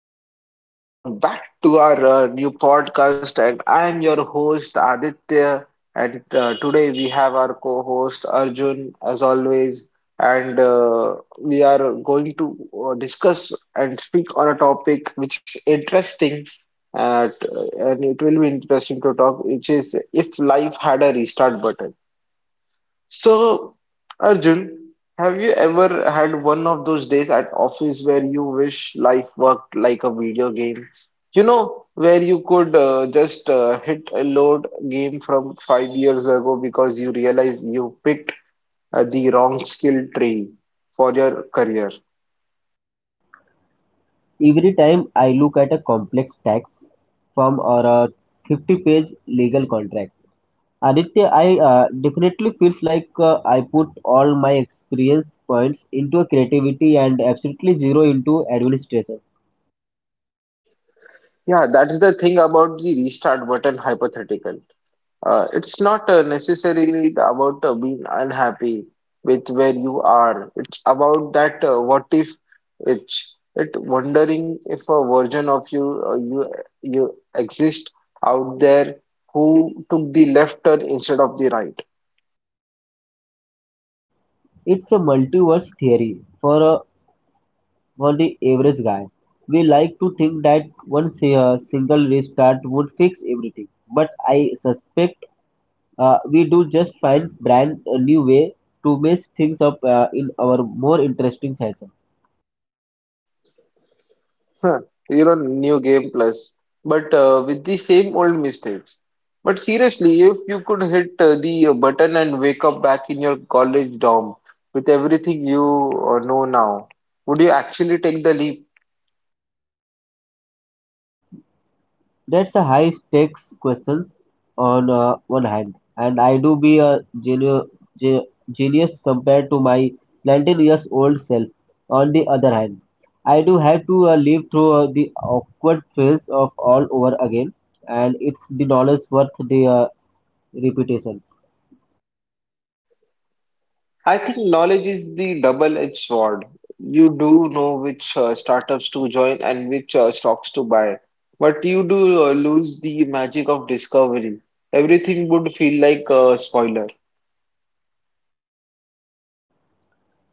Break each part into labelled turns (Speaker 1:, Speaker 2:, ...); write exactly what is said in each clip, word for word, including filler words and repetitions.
Speaker 1: everyone, and welcome back to our uh, new podcast. And I am your host Aditya. And uh, Today we have our co-host Arjun, as always. And uh, We are going to uh, discuss and speak on a topic which is interesting, uh, t- and it will be interesting to talk, which is if life had a restart button. So, Arjun, have you ever had one of those days at office where you wish life worked like a video game? You know, where you could uh, just uh, hit a load game from five years ago because you realize you picked uh, the wrong skill tree for your career.
Speaker 2: Every time I look at a complex tax form or a fifty-page legal contract, Aditya, I uh, definitely feels like uh, I put all my experience points into a creativity and absolutely zero into administration.
Speaker 1: Yeah, that's the thing about the restart button hypothetical. Uh, it's not uh, necessarily about uh, being unhappy with where you are. It's about that uh, what if it's it wondering if a version of you uh, you you exist out there who took the left turn instead of the right.
Speaker 2: It's a multiverse theory for uh, for the average guy. We like to think that one si- uh, single restart would fix everything, but I suspect Uh, we do just find brand a new way to mess things up uh, in our more interesting fashion.
Speaker 1: Huh, you know, new game plus, but uh, with the same old mistakes. But seriously, if you could hit uh, the uh, button and wake up back in your college dorm with everything you uh, know now, would you actually take the leap?
Speaker 2: That's a high stakes question on uh, one hand, and I do be a genu- ge- genius compared to my nineteen years old self. On the other hand, I do have to uh, live through uh, the awkward phase of all over again, and it's the knowledge worth the uh, repetition.
Speaker 1: I think knowledge is the double-edged sword. You do know which uh, startups to join and which uh, stocks to buy, but you do uh, lose the magic of discovery. Everything would feel like a spoiler.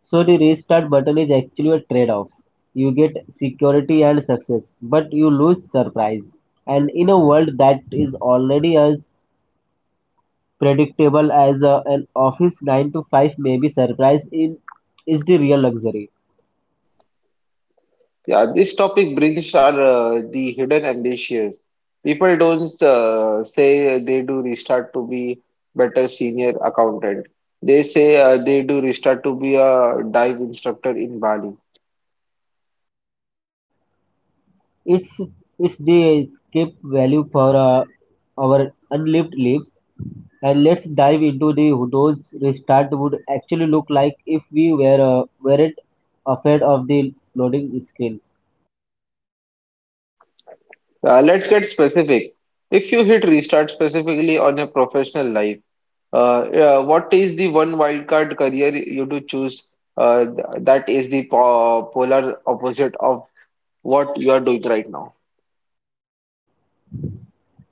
Speaker 2: So the restart button is actually a trade-off. You get security and success, but you lose surprise. And in a world that is already as predictable as uh, an office nine to five may be surprise in is the real luxury.
Speaker 1: Yeah, this topic brings are uh, the hidden ambitions. People don't uh, say they do restart to be better senior accountant. They say uh, they do restart to be a dive instructor in Bali.
Speaker 2: It's it's the escape value for uh, our unlived lives. And let's dive into the those restart would actually look like if we were uh, weren't afraid of the loading screen.
Speaker 1: Uh, let's get specific. If you hit restart specifically on your professional life, uh, uh, what is the one wildcard career you do choose uh, th- that is the po polar opposite of what you are doing right now?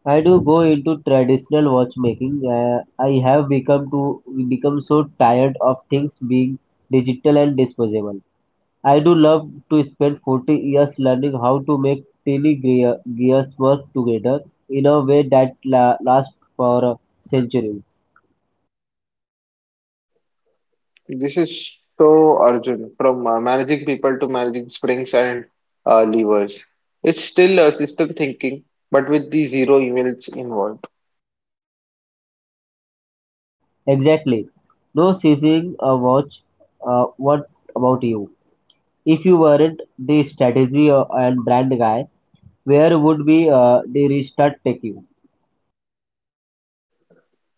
Speaker 2: I do go into traditional watchmaking. Uh, I have become to become so tired of things being digital and disposable. I do love to spend forty years learning how to make tiny gear, gears work together in a way that la- lasts for uh, centuries.
Speaker 1: This is so Arjun, from uh, managing people to managing springs and uh, levers. It's still a system thinking, but with the zero emails involved.
Speaker 2: Exactly. No seizing a watch. Uh, what about you? If you weren't the strategy uh, and brand guy, where would be uh, the restart take you?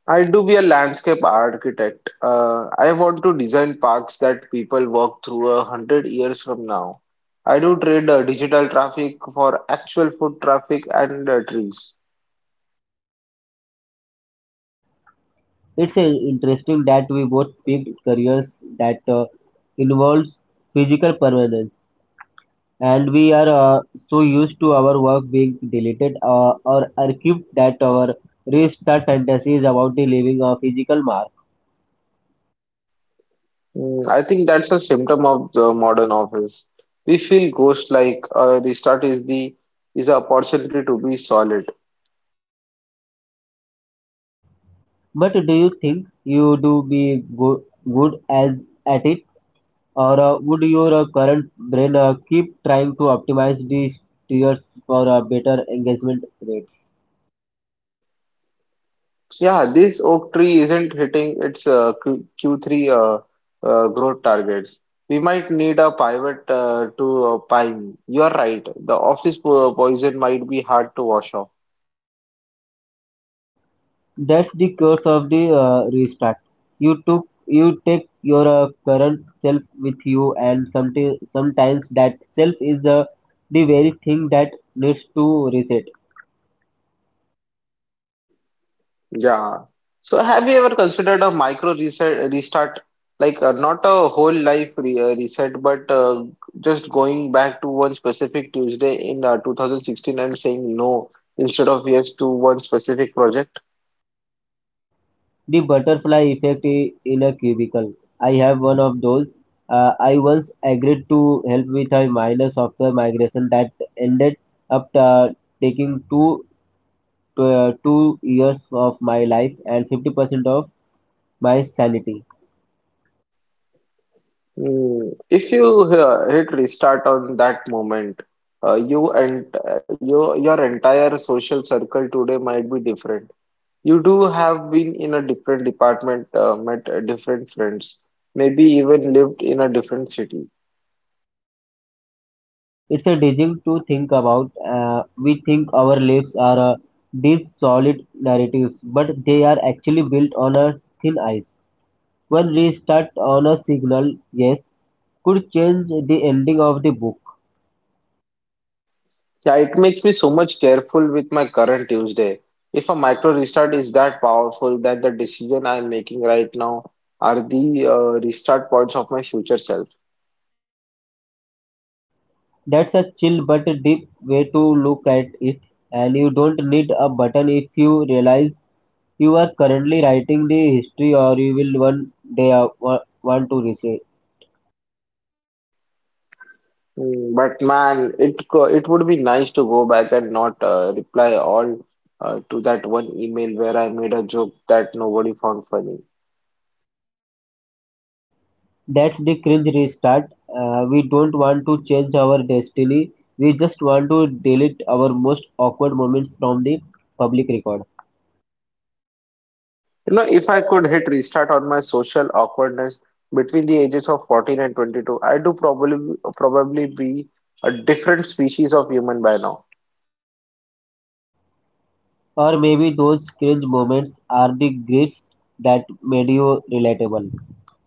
Speaker 1: I do be a landscape architect. Uh, I want to design parks that people walk through a hundred years from now. I do trade uh, digital traffic for actual foot traffic and uh, trees.
Speaker 2: It's uh, interesting that we both picked careers that uh, involves physical permanence, and we are uh, so used to our work being deleted uh, or archived that our restart fantasy is about the leaving a physical mark.
Speaker 1: Mm, I think that's a symptom of the modern office. We feel ghost-like. A restart is the is an opportunity to be solid.
Speaker 2: But do you think you do be go- good as at it, or uh, would your uh, current brain uh, keep trying to optimize these tiers for a better engagement rate?
Speaker 1: Yeah, this oak tree isn't hitting its uh, Q Q3 uh, uh, growth targets. We might need a pivot uh, to uh, pine. You are right. The office po- poison might be hard to wash off.
Speaker 2: That's the curse of the uh, restart. You took you take your uh, current self with you, and someti- sometimes that self is uh, the very thing that needs to reset.
Speaker 1: Yeah. So have you ever considered a micro reset restart, like uh, not a whole life re uh, reset, but uh, just going back to one specific Tuesday in uh, two thousand sixteen and saying no instead of yes to one specific project?
Speaker 2: The butterfly effect i- in a cubicle. I have one of those. Uh, I once agreed to help with a minor software migration that ended up uh, taking two, uh, two years of my life and fifty percent of my sanity.
Speaker 1: Mm. If you uh, hit restart on that moment, uh, you and uh, your your entire social circle today might be different. You do have been in a different department, uh, met uh, different friends, maybe even lived in a different city.
Speaker 2: It's a dizzying to think about. Uh, we think our lives are uh, these solid narratives, but they are actually built on a thin ice. One restart on a signal, yes, could change the ending of the book.
Speaker 1: Yeah, it makes me so much careful with my current Tuesday. If a micro restart is that powerful that the decision I'm making right now are the uh, restart points of my future self.
Speaker 2: That's a chill but deep way to look at it, and you don't need a button if you realize you are currently writing the history or you will one day uh, wa- want to research.
Speaker 1: Mm, but man, it co- it would be nice to go back and not uh, reply all uh, to that one email where I made a joke that nobody found funny.
Speaker 2: That's the cringe restart. Uh, we don't want to change our destiny. We just want to delete our most awkward moments from the public record.
Speaker 1: You know, if I could hit restart on my social awkwardness between the ages of fourteen and twenty-two, I do probably probably be a different species of human by now.
Speaker 2: Or maybe those cringe moments are the greatest that made you relatable.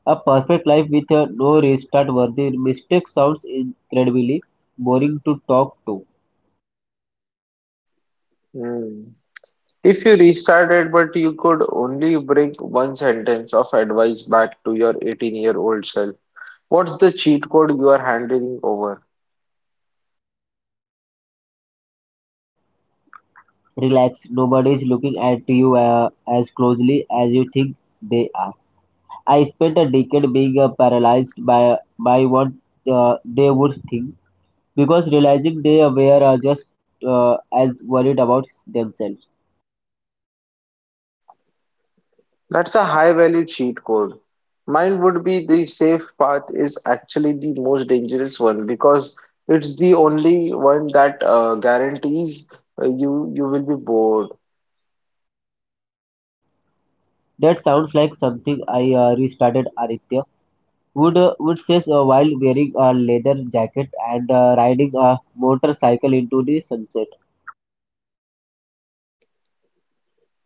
Speaker 2: A perfect life with a no restart worthy mistake sounds incredibly boring to talk to.
Speaker 1: Hmm. If you restarted, but you could only bring one sentence of advice back to your eighteen-year-old self, what's the cheat code you are handing over?
Speaker 2: Relax, nobody's looking at you uh, as closely as you think they are. I spent a decade being uh, paralyzed by by what uh, they would think because realizing they were uh, just uh, as worried about themselves.
Speaker 1: That's a high-value cheat code. Mine would be the safe path is actually the most dangerous one because it's the only one that uh, guarantees uh, you you will be bored.
Speaker 2: That sounds like something I uh, restarted Aditya would uh, would say uh, while wearing a leather jacket and uh, riding a motorcycle into the sunset.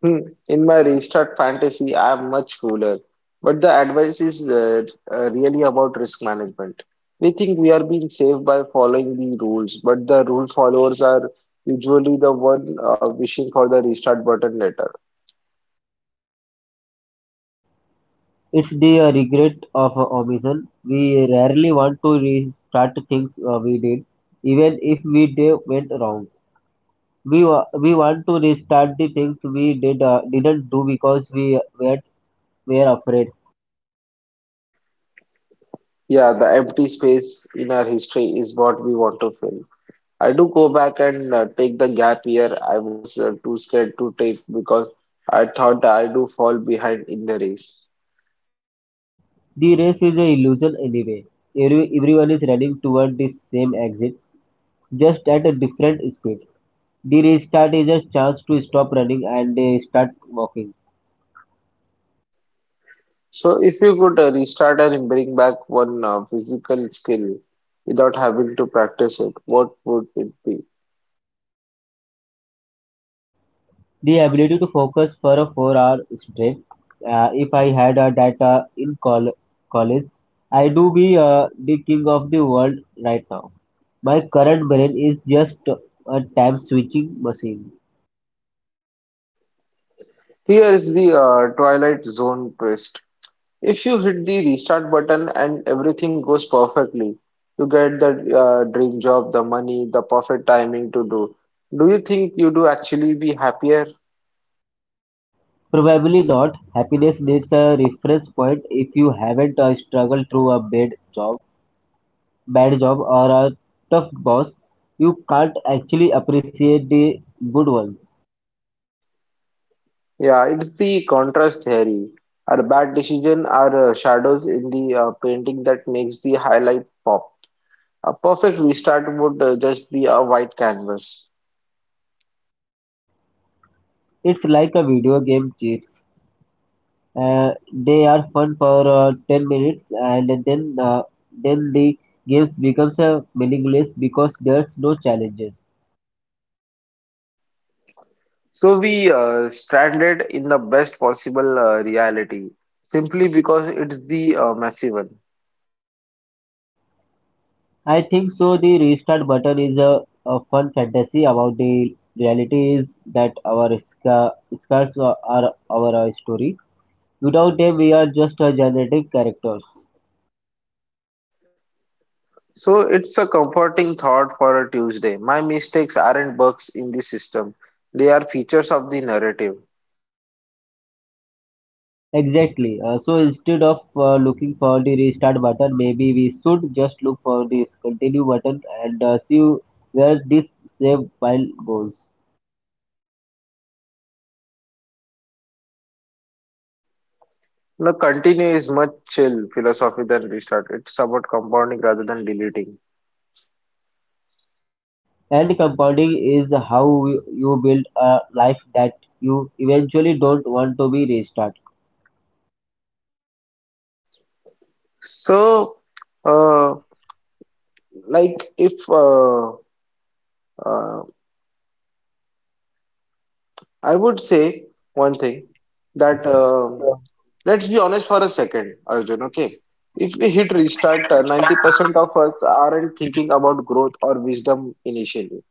Speaker 1: Hmm, in my restart fantasy, I'm much cooler. But the advice is uh, uh, really about risk management. We think we are being safe by following the rules, but the rule followers are usually the one uh, wishing for the restart button later.
Speaker 2: It's the uh, regret of uh, omission. We rarely want to restart things uh, we did, even if we did went wrong. We wa- we want to restart the things we did uh, didn't do because we were were afraid.
Speaker 1: Yeah, the empty space in our history is what we want to fill. I do go back and uh, take the gap year I was uh, too scared to take because I thought I do fall behind in the race.
Speaker 2: The race is an illusion anyway. Every, everyone is running toward the same exit, just at a different speed. The restart is a chance to stop running and uh, start walking.
Speaker 1: So if you could uh, restart and bring back one uh, physical skill without having to practice it, what would it be?
Speaker 2: The ability to focus for a four-hour stretch. Uh, if I had a data in col- college, I do be uh, the king of the world right now. My current brain is just a time switching machine.
Speaker 1: Here is the uh, Twilight Zone twist. If you hit the restart button and everything goes perfectly, you get the uh, dream job, the money, the perfect timing to do. Do you think you do actually be happier?
Speaker 2: Probably not. Happiness needs a reference point. If you haven't uh, struggled through a bad job, bad job or a tough boss, you can't actually appreciate the good ones.
Speaker 1: Yeah, it's the contrast theory. Our bad decision are uh, shadows in the uh, painting that makes the highlight pop. A perfect restart would uh, just be a white canvas.
Speaker 2: It's like a video game cheats. Uh, they are fun for uh, ten minutes and then uh, then the games becomes uh, meaningless because there's no challenges.
Speaker 1: So we uh, stranded in the best possible uh, reality simply because it's the uh, messy one.
Speaker 2: I think so the restart button is a, a fun fantasy about the reality is that our sca- scars are are our uh, story. Without them we are just uh, generative characters.
Speaker 1: So it's a comforting thought for a Tuesday. My mistakes aren't bugs in the system, they are features of the narrative.
Speaker 2: Exactly. Uh, so instead of uh, looking for the restart button, maybe we should just look for this continue button and uh, see where this save file goes.
Speaker 1: The continue is much chill philosophy than restart. It's about compounding rather than deleting.
Speaker 2: And compounding is how you you build a life that you eventually don't want to be restarted.
Speaker 1: So, uh, like if uh, uh, I would say one thing that um let's be honest for a second, Arjun, okay? If we hit restart, uh, ninety percent of us aren't thinking about growth or wisdom initially.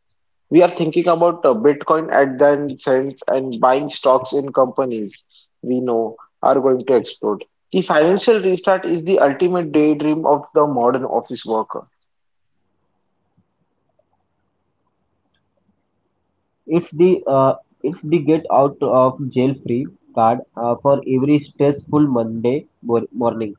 Speaker 1: We are thinking about uh, Bitcoin at the cents and buying stocks in companies we know are going to explode. The financial restart is the ultimate daydream of the modern office worker.
Speaker 2: It's the uh, it's the get out of jail free card uh, for every stressful Monday mor- morning.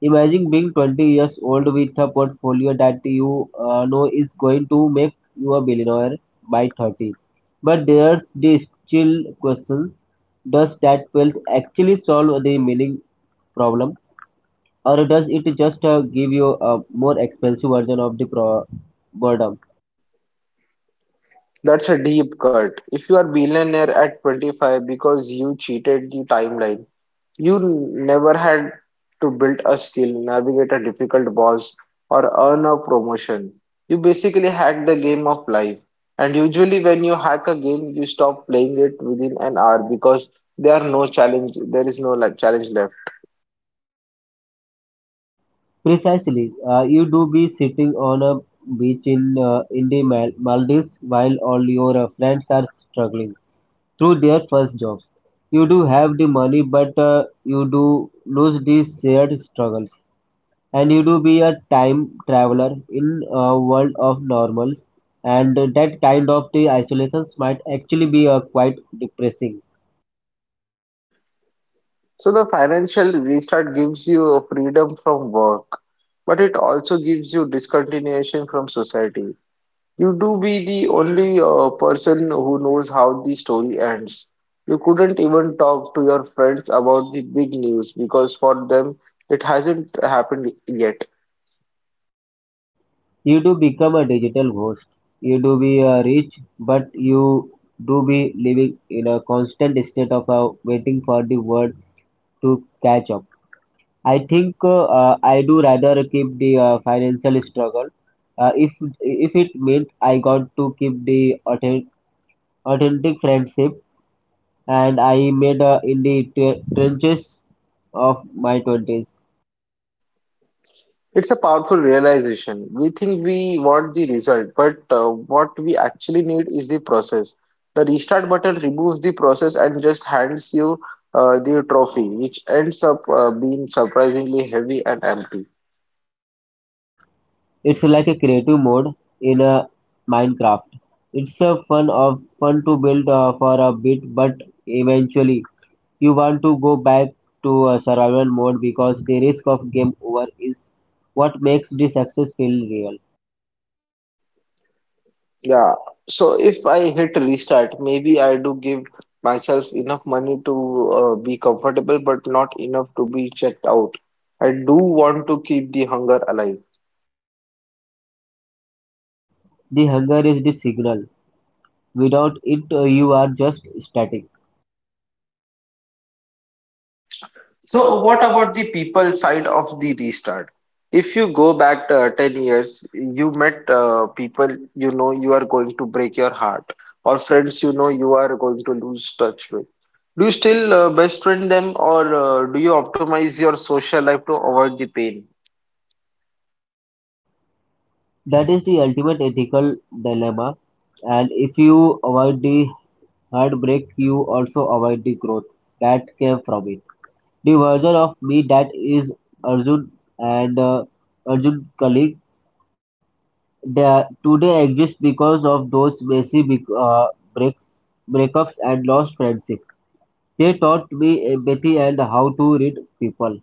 Speaker 2: Imagine being twenty years old with a portfolio that you uh, know is going to make you a billionaire by thirty. But there's the still question: does that wealth actually solve the meaning problem, or does it just uh, give you a more expensive version of the pro- boredom?
Speaker 1: That's a deep cut. If you are billionaire at twenty-five because you cheated the timeline, you never had to build a skill, navigate a difficult boss, or earn a promotion. You basically hacked the game of life. And usually, when you hack a game, you stop playing it within an hour because there are no challenge, there is no like challenge left.
Speaker 2: Precisely, uh, you do be sitting on a beach in uh, in the Mal- Maldives while all your uh, friends are struggling through their first jobs. You do have the money, but uh, you do lose these shared struggles, and you do be a time traveler in a world of normals. And that kind of the isolations might actually be uh, quite depressing.
Speaker 1: So the financial restart gives you a freedom from work, but it also gives you discontinuation from society. You do be the only uh, person who knows how the story ends. You couldn't even talk to your friends about the big news because for them it hasn't happened yet.
Speaker 2: You do become a digital ghost. You do be uh, rich, but you do be living in a constant state of uh, waiting for the world to catch up. I think uh, uh, I do rather keep the uh, financial struggle. Uh, if if it meant I got to keep the authentic, authentic friendship and I made uh, in the tre- trenches of my twenties.
Speaker 1: It's a powerful realization. We think we want the result, but uh, what we actually need is the process. The restart button removes the process and just hands you uh, the trophy, which ends up uh, being surprisingly heavy and empty.
Speaker 2: It's like a creative mode in a Minecraft. It's a fun of fun to build uh, for a bit, but eventually you want to go back to a survival mode because the risk of game over is what makes the success feel real.
Speaker 1: Yeah, so if I hit restart, maybe I do give myself enough money to uh, be comfortable, but not enough to be checked out. I do want to keep the hunger alive.
Speaker 2: The hunger is the signal. Without it, uh, you are just static.
Speaker 1: So, what about the people side of the restart? If you go back uh, ten years, you met uh, people you know you are going to break your heart, or friends you know you are going to lose touch with. Do you still uh, best friend them, or uh, do you optimize your social life to avoid the pain?
Speaker 2: That is the ultimate ethical dilemma. And if you avoid the heartbreak, you also avoid the growth that came from it. The version of me that is Arjun and uh, Arjun Kali that today exists because of those messy bec- uh, breaks, breakups and lost friendships. They taught me empathy and how to read people.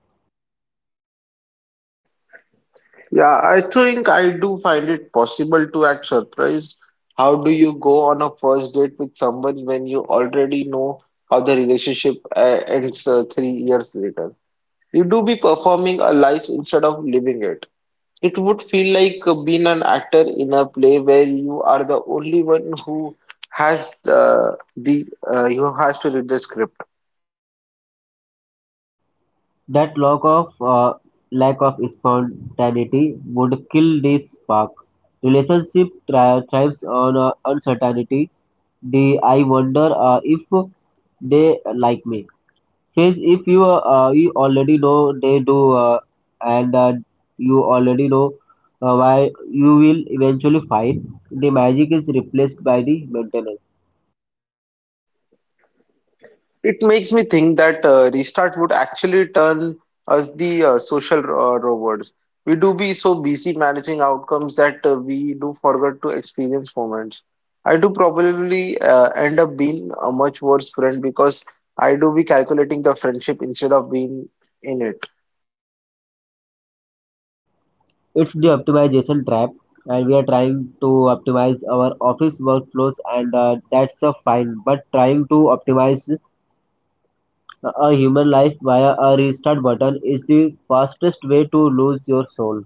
Speaker 1: Yeah, I think I do find it possible to act surprised. How do you go on a first date with someone when you already know how the relationship uh, ends uh, three years later? You do be performing a life instead of living it. It would feel like uh, being an actor in a play where you are the only one who has uh, the uh, you has to read the script.
Speaker 2: That lack of uh, lack of spontaneity would kill this spark. Relationship thri- thrives on uh, uncertainty. The I wonder uh, if they like me. Since if you uh, you already know they do uh, and uh, you already know uh, why you will eventually find the magic is replaced by the maintenance.
Speaker 1: It makes me think that uh, restart would actually turn us the uh, social uh, robots. We do be so busy managing outcomes that uh, we do forget to experience moments. I do probably uh, end up being a much worse friend because I do be calculating the friendship instead of being in it.
Speaker 2: It's the optimization trap, and we are trying to optimize our office workflows, and uh, that's a fine. But trying to optimize uh, a human life via a restart button is the fastest way to lose your soul.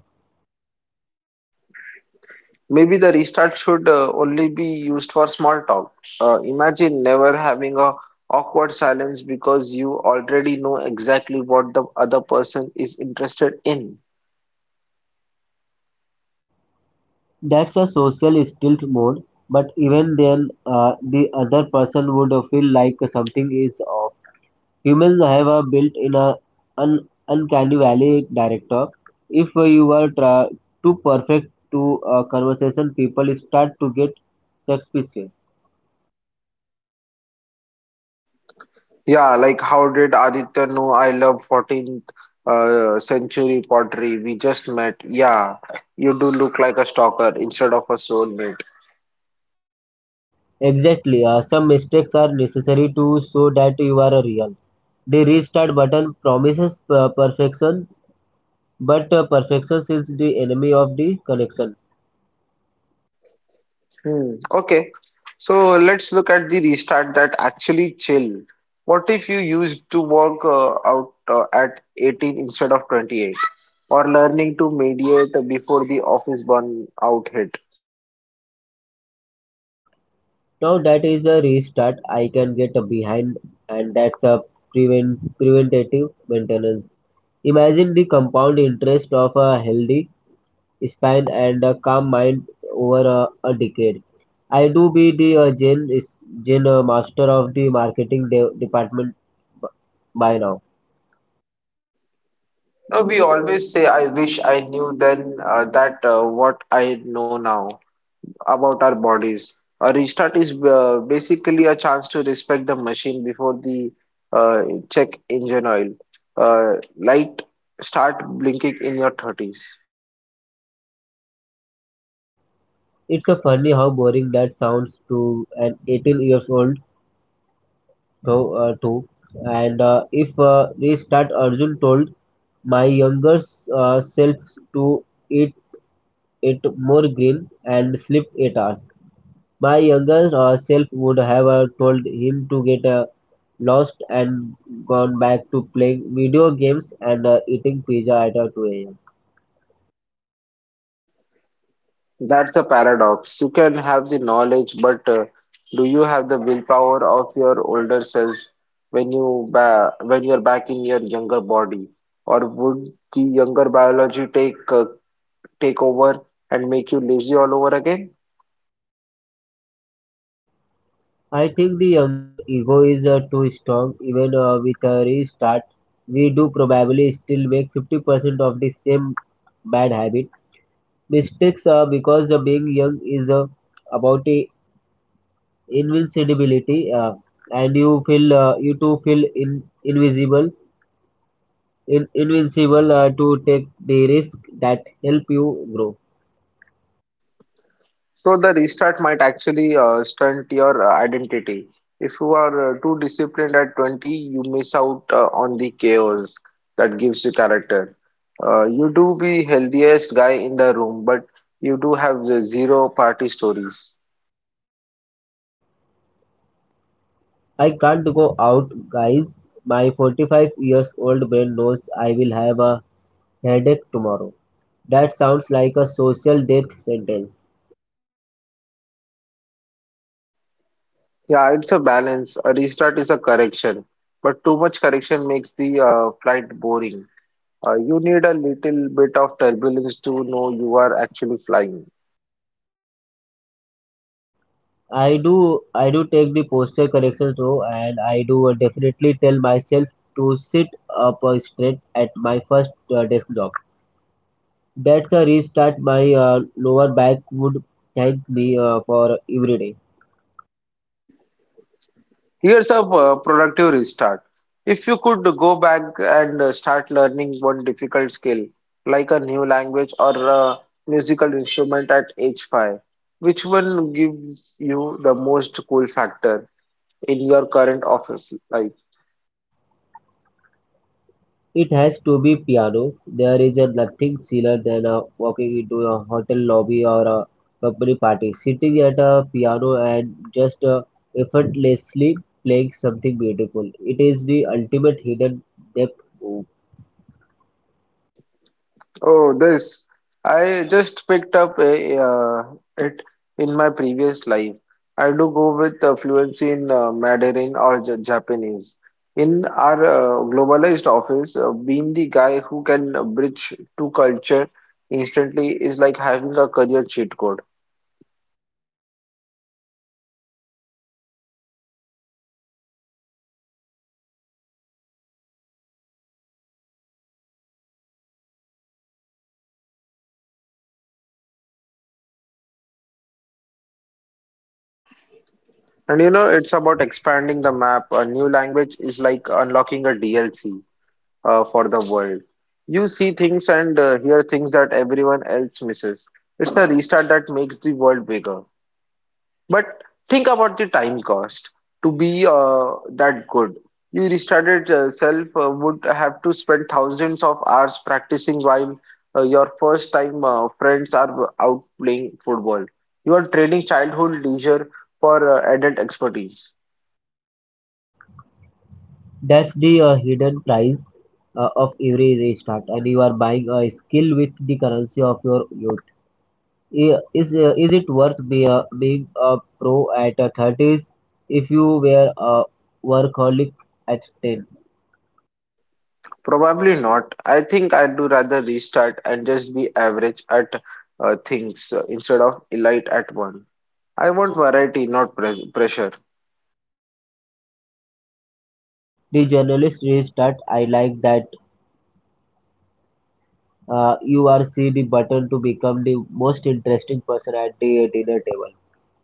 Speaker 1: Maybe the restart should uh, only be used for small talk. Uh, imagine never having a awkward silence because you already know exactly what the other person is interested in.
Speaker 2: That's a social stealth mode, but even then, uh, the other person would feel like something is off. Humans have a built-in a un- uncanny valley director. If you are tra- too perfect to a conversation, people start to get suspicious.
Speaker 1: Yeah, like how did Aditya know I love fourteenth uh, century pottery? We just met. Yeah, you do look like a stalker instead of a soulmate.
Speaker 2: Exactly, uh, some mistakes are necessary to show that you are real. The restart button promises uh, perfection, but uh, perfection is the enemy of the connection.
Speaker 1: Hmm. Okay. So let's look at the restart that actually chill. What if you used to work uh, out uh, at eighteen instead of twenty-eight? Or learning to mediate before the office burnout hit?
Speaker 2: Now that is a restart I can get behind and that's a prevent, preventative maintenance. Imagine the compound interest of a healthy spine and a calm mind over a, a decade. I do be the uh, gen, gen uh, master of the marketing de- department by now.
Speaker 1: Now, we always say, I wish I knew then uh, that uh, what I know now about our bodies. A restart is uh, basically a chance to respect the machine before the uh, check engine oil. Uh, light start blinking in your thirties.
Speaker 2: It's a funny how boring that sounds to an eighteen years old though, uh, too. And uh, if uh, restart, Arjun told my younger uh, self to eat it more green and sleep eight hours. My younger uh, self would have uh, told him to get uh, lost and gone back to playing video games and uh, eating pizza at uh, two a m.
Speaker 1: That's a paradox. You can have the knowledge, but uh, do you have the willpower of your older self when you ba when you're back in your younger body? Or would the younger biology take uh, take over and make you lazy all over again?
Speaker 2: I think the younger ego is uh, too strong. Even uh, with a restart, we do probably still make fifty percent of the same bad habit mistakes are because the being young is uh, about uh, invincibility uh, and you feel uh, you too feel in, invisible in, invincible uh, to take the risk that help you grow.
Speaker 1: So the restart might actually uh, stunt your uh, identity. If you are uh, too disciplined at twenty, you miss out uh, on the chaos that gives you character. Uh, you do be healthiest guy in the room, but you do have the zero party stories.
Speaker 2: I can't go out guys, my forty-five years old brain knows I will have a headache tomorrow. That sounds like a social death sentence.
Speaker 1: Yeah, it's a balance. A restart is a correction, but too much correction makes the uh, flight boring. Uh, you need a little bit of turbulence to know you are actually flying.
Speaker 2: I do I do take the posture correction though, and I do uh, definitely tell myself to sit up uh, straight at my first uh, desk job. That's a restart my uh, lower back would thank me uh, for every day.
Speaker 1: Here's a uh, productive restart. If you could go back and uh, start learning one difficult skill, like a new language or a musical instrument at age five, which one gives you the most cool factor in your current office life?
Speaker 2: It has to be piano. There is a nothing chiller than uh, walking into a hotel lobby or a company party, sitting at a piano and just uh, effortlessly playing something beautiful. It is the ultimate hidden depth.
Speaker 1: Oh, this. I just picked up a, uh, it in my previous life. I do go with uh, fluency in uh, Mandarin or J Japanese. In our uh, globalized office, uh, being the guy who can uh, bridge two culture instantly is like having a career cheat code. And you know, it's about expanding the map. A new language is like unlocking a D L C. uh, for the world. You see things and uh, hear things that everyone else misses. It's a restart that makes the world bigger. But think about the time cost to be uh, that good. You restarted uh, self uh, would have to spend thousands of hours practicing while uh, your first time uh, friends are out playing football. You are trading childhood leisure for uh, adult expertise.
Speaker 2: That's the uh, hidden price uh, of every restart, and you are buying a skill with the currency of your youth. I- Is uh, is it worth be, uh, being a pro at uh, thirties if you were a workaholic at ten?
Speaker 1: Probably not. I think I'd do rather restart and just be average at uh, things uh, instead of elite at one. I want variety, not pres pressure.
Speaker 2: The journalist restart. I like that uh, you are see the button to become the most interesting person at the dinner table,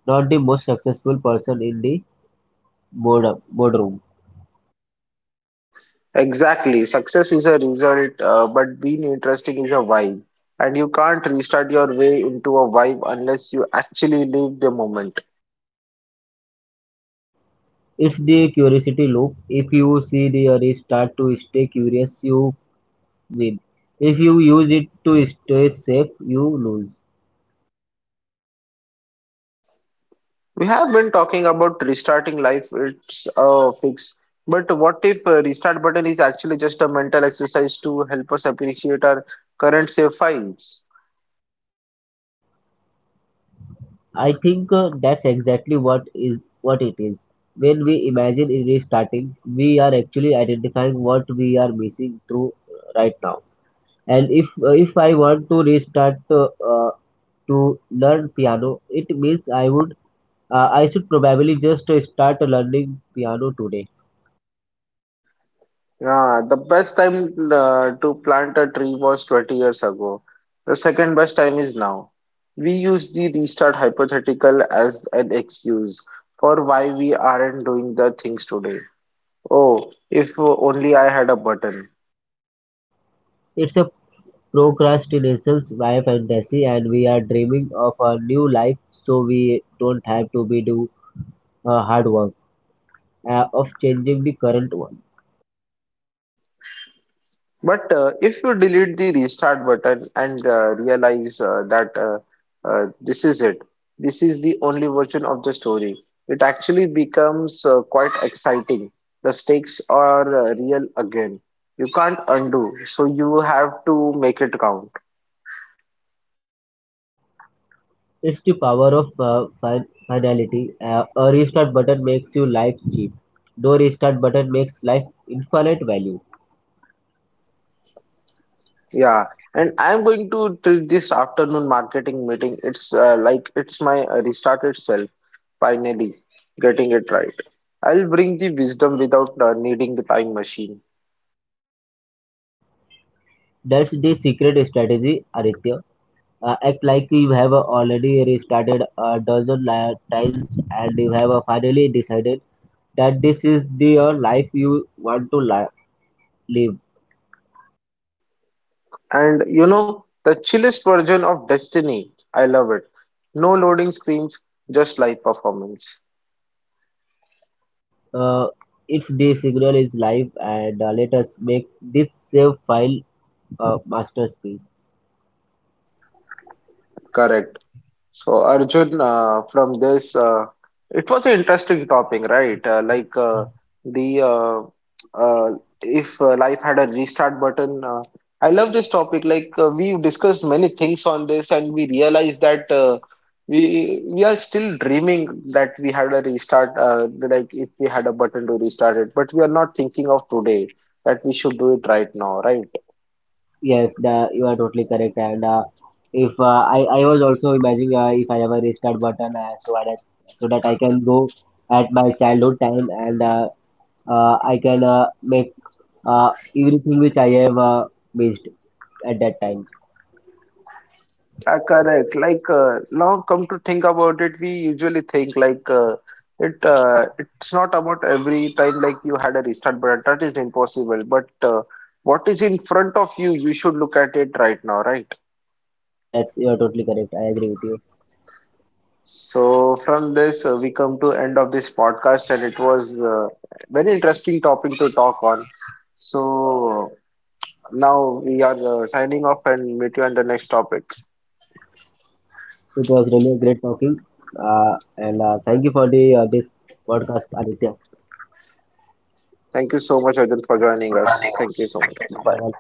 Speaker 2: not the most successful person in the board boardroom.
Speaker 1: Exactly. Success is a result, uh, but being interesting is a vibe. And you can't restart your way into a vibe unless you actually live the moment.
Speaker 2: It's the curiosity loop. If you see the array start to stay curious, you win. If you use it to stay safe, you lose.
Speaker 1: We have been talking about restarting life, it's a fix. But what if uh, restart button is actually just a mental exercise to help us appreciate our current save files?
Speaker 2: I think uh, that's exactly what is what it is. When we imagine restarting, we are actually identifying what we are missing through uh, right now. And if uh, if I want to restart uh, uh, to learn piano, it means I would uh, I should probably just uh, start learning piano today.
Speaker 1: Yeah, the best time uh, to plant a tree was twenty years ago. The second best time is now. We use the restart hypothetical as an excuse for why we aren't doing the things today. Oh, if only I had a button.
Speaker 2: It's a procrastination by fantasy, and we are dreaming of a new life so we don't have to be do uh, hard work uh, of changing the current one.
Speaker 1: But uh, if you delete the restart button and uh, realize uh, that uh, uh, this is it, this is the only version of the story, it actually becomes uh, quite exciting. The stakes are uh, real again. You can't undo, so you have to make it count.
Speaker 2: It's the power of uh, fin- finality. Uh, a restart button makes you life cheap. No restart button makes life infinite value.
Speaker 1: Yeah, and I'm going to treat this afternoon marketing meeting. It's uh, like it's my uh, restarted self, finally getting it right. I'll bring the wisdom without uh, needing the time machine.
Speaker 2: That's the secret strategy, Aditya. Uh, Act like you have uh, already restarted a dozen li- times and you have uh, finally decided that this is the your life you want to li- live.
Speaker 1: And you know, the chillest version of Destiny. I love it. No loading screens, just live performance.
Speaker 2: Uh, if the signal is live, and uh, let us make this save file a masterpiece.
Speaker 1: Correct. So Arjun, uh, from this, uh, it was an interesting topic, right? Uh, like uh, the uh, uh, if uh, life had a restart button. Uh, I love this topic. Like uh, we've discussed many things on this, and we realize that uh, we we are still dreaming that we had a restart. Uh, like if we had a button to restart it, but we are not thinking of today that we should do it right now, right?
Speaker 2: Yes, the, you are totally correct. And uh, if uh, I, I was also imagining uh, if I have a restart button uh, so that so that I can go at my childhood time and uh, uh, I can uh, make uh, everything which I have uh, missed at that time.
Speaker 1: Uh, correct. Like uh, now, come to think about it, we usually think like uh, it. Uh, it's not about every time like you had a restart button. That is impossible. But uh, what is in front of you, you should look at it right now, right?
Speaker 2: Yeah, that's you are totally correct. I agree with you.
Speaker 1: So from this, uh, we come to end of this podcast, and it was uh, very interesting topic to talk on. So now we are uh, signing off and meet you on the next topic.
Speaker 2: It was really a great talking. Uh, and uh, thank you for the uh, this podcast, Aditya.
Speaker 1: Thank you so much, Arjun, for joining
Speaker 2: Thank
Speaker 1: us. Thank you so
Speaker 2: you
Speaker 1: much. Bye.
Speaker 2: so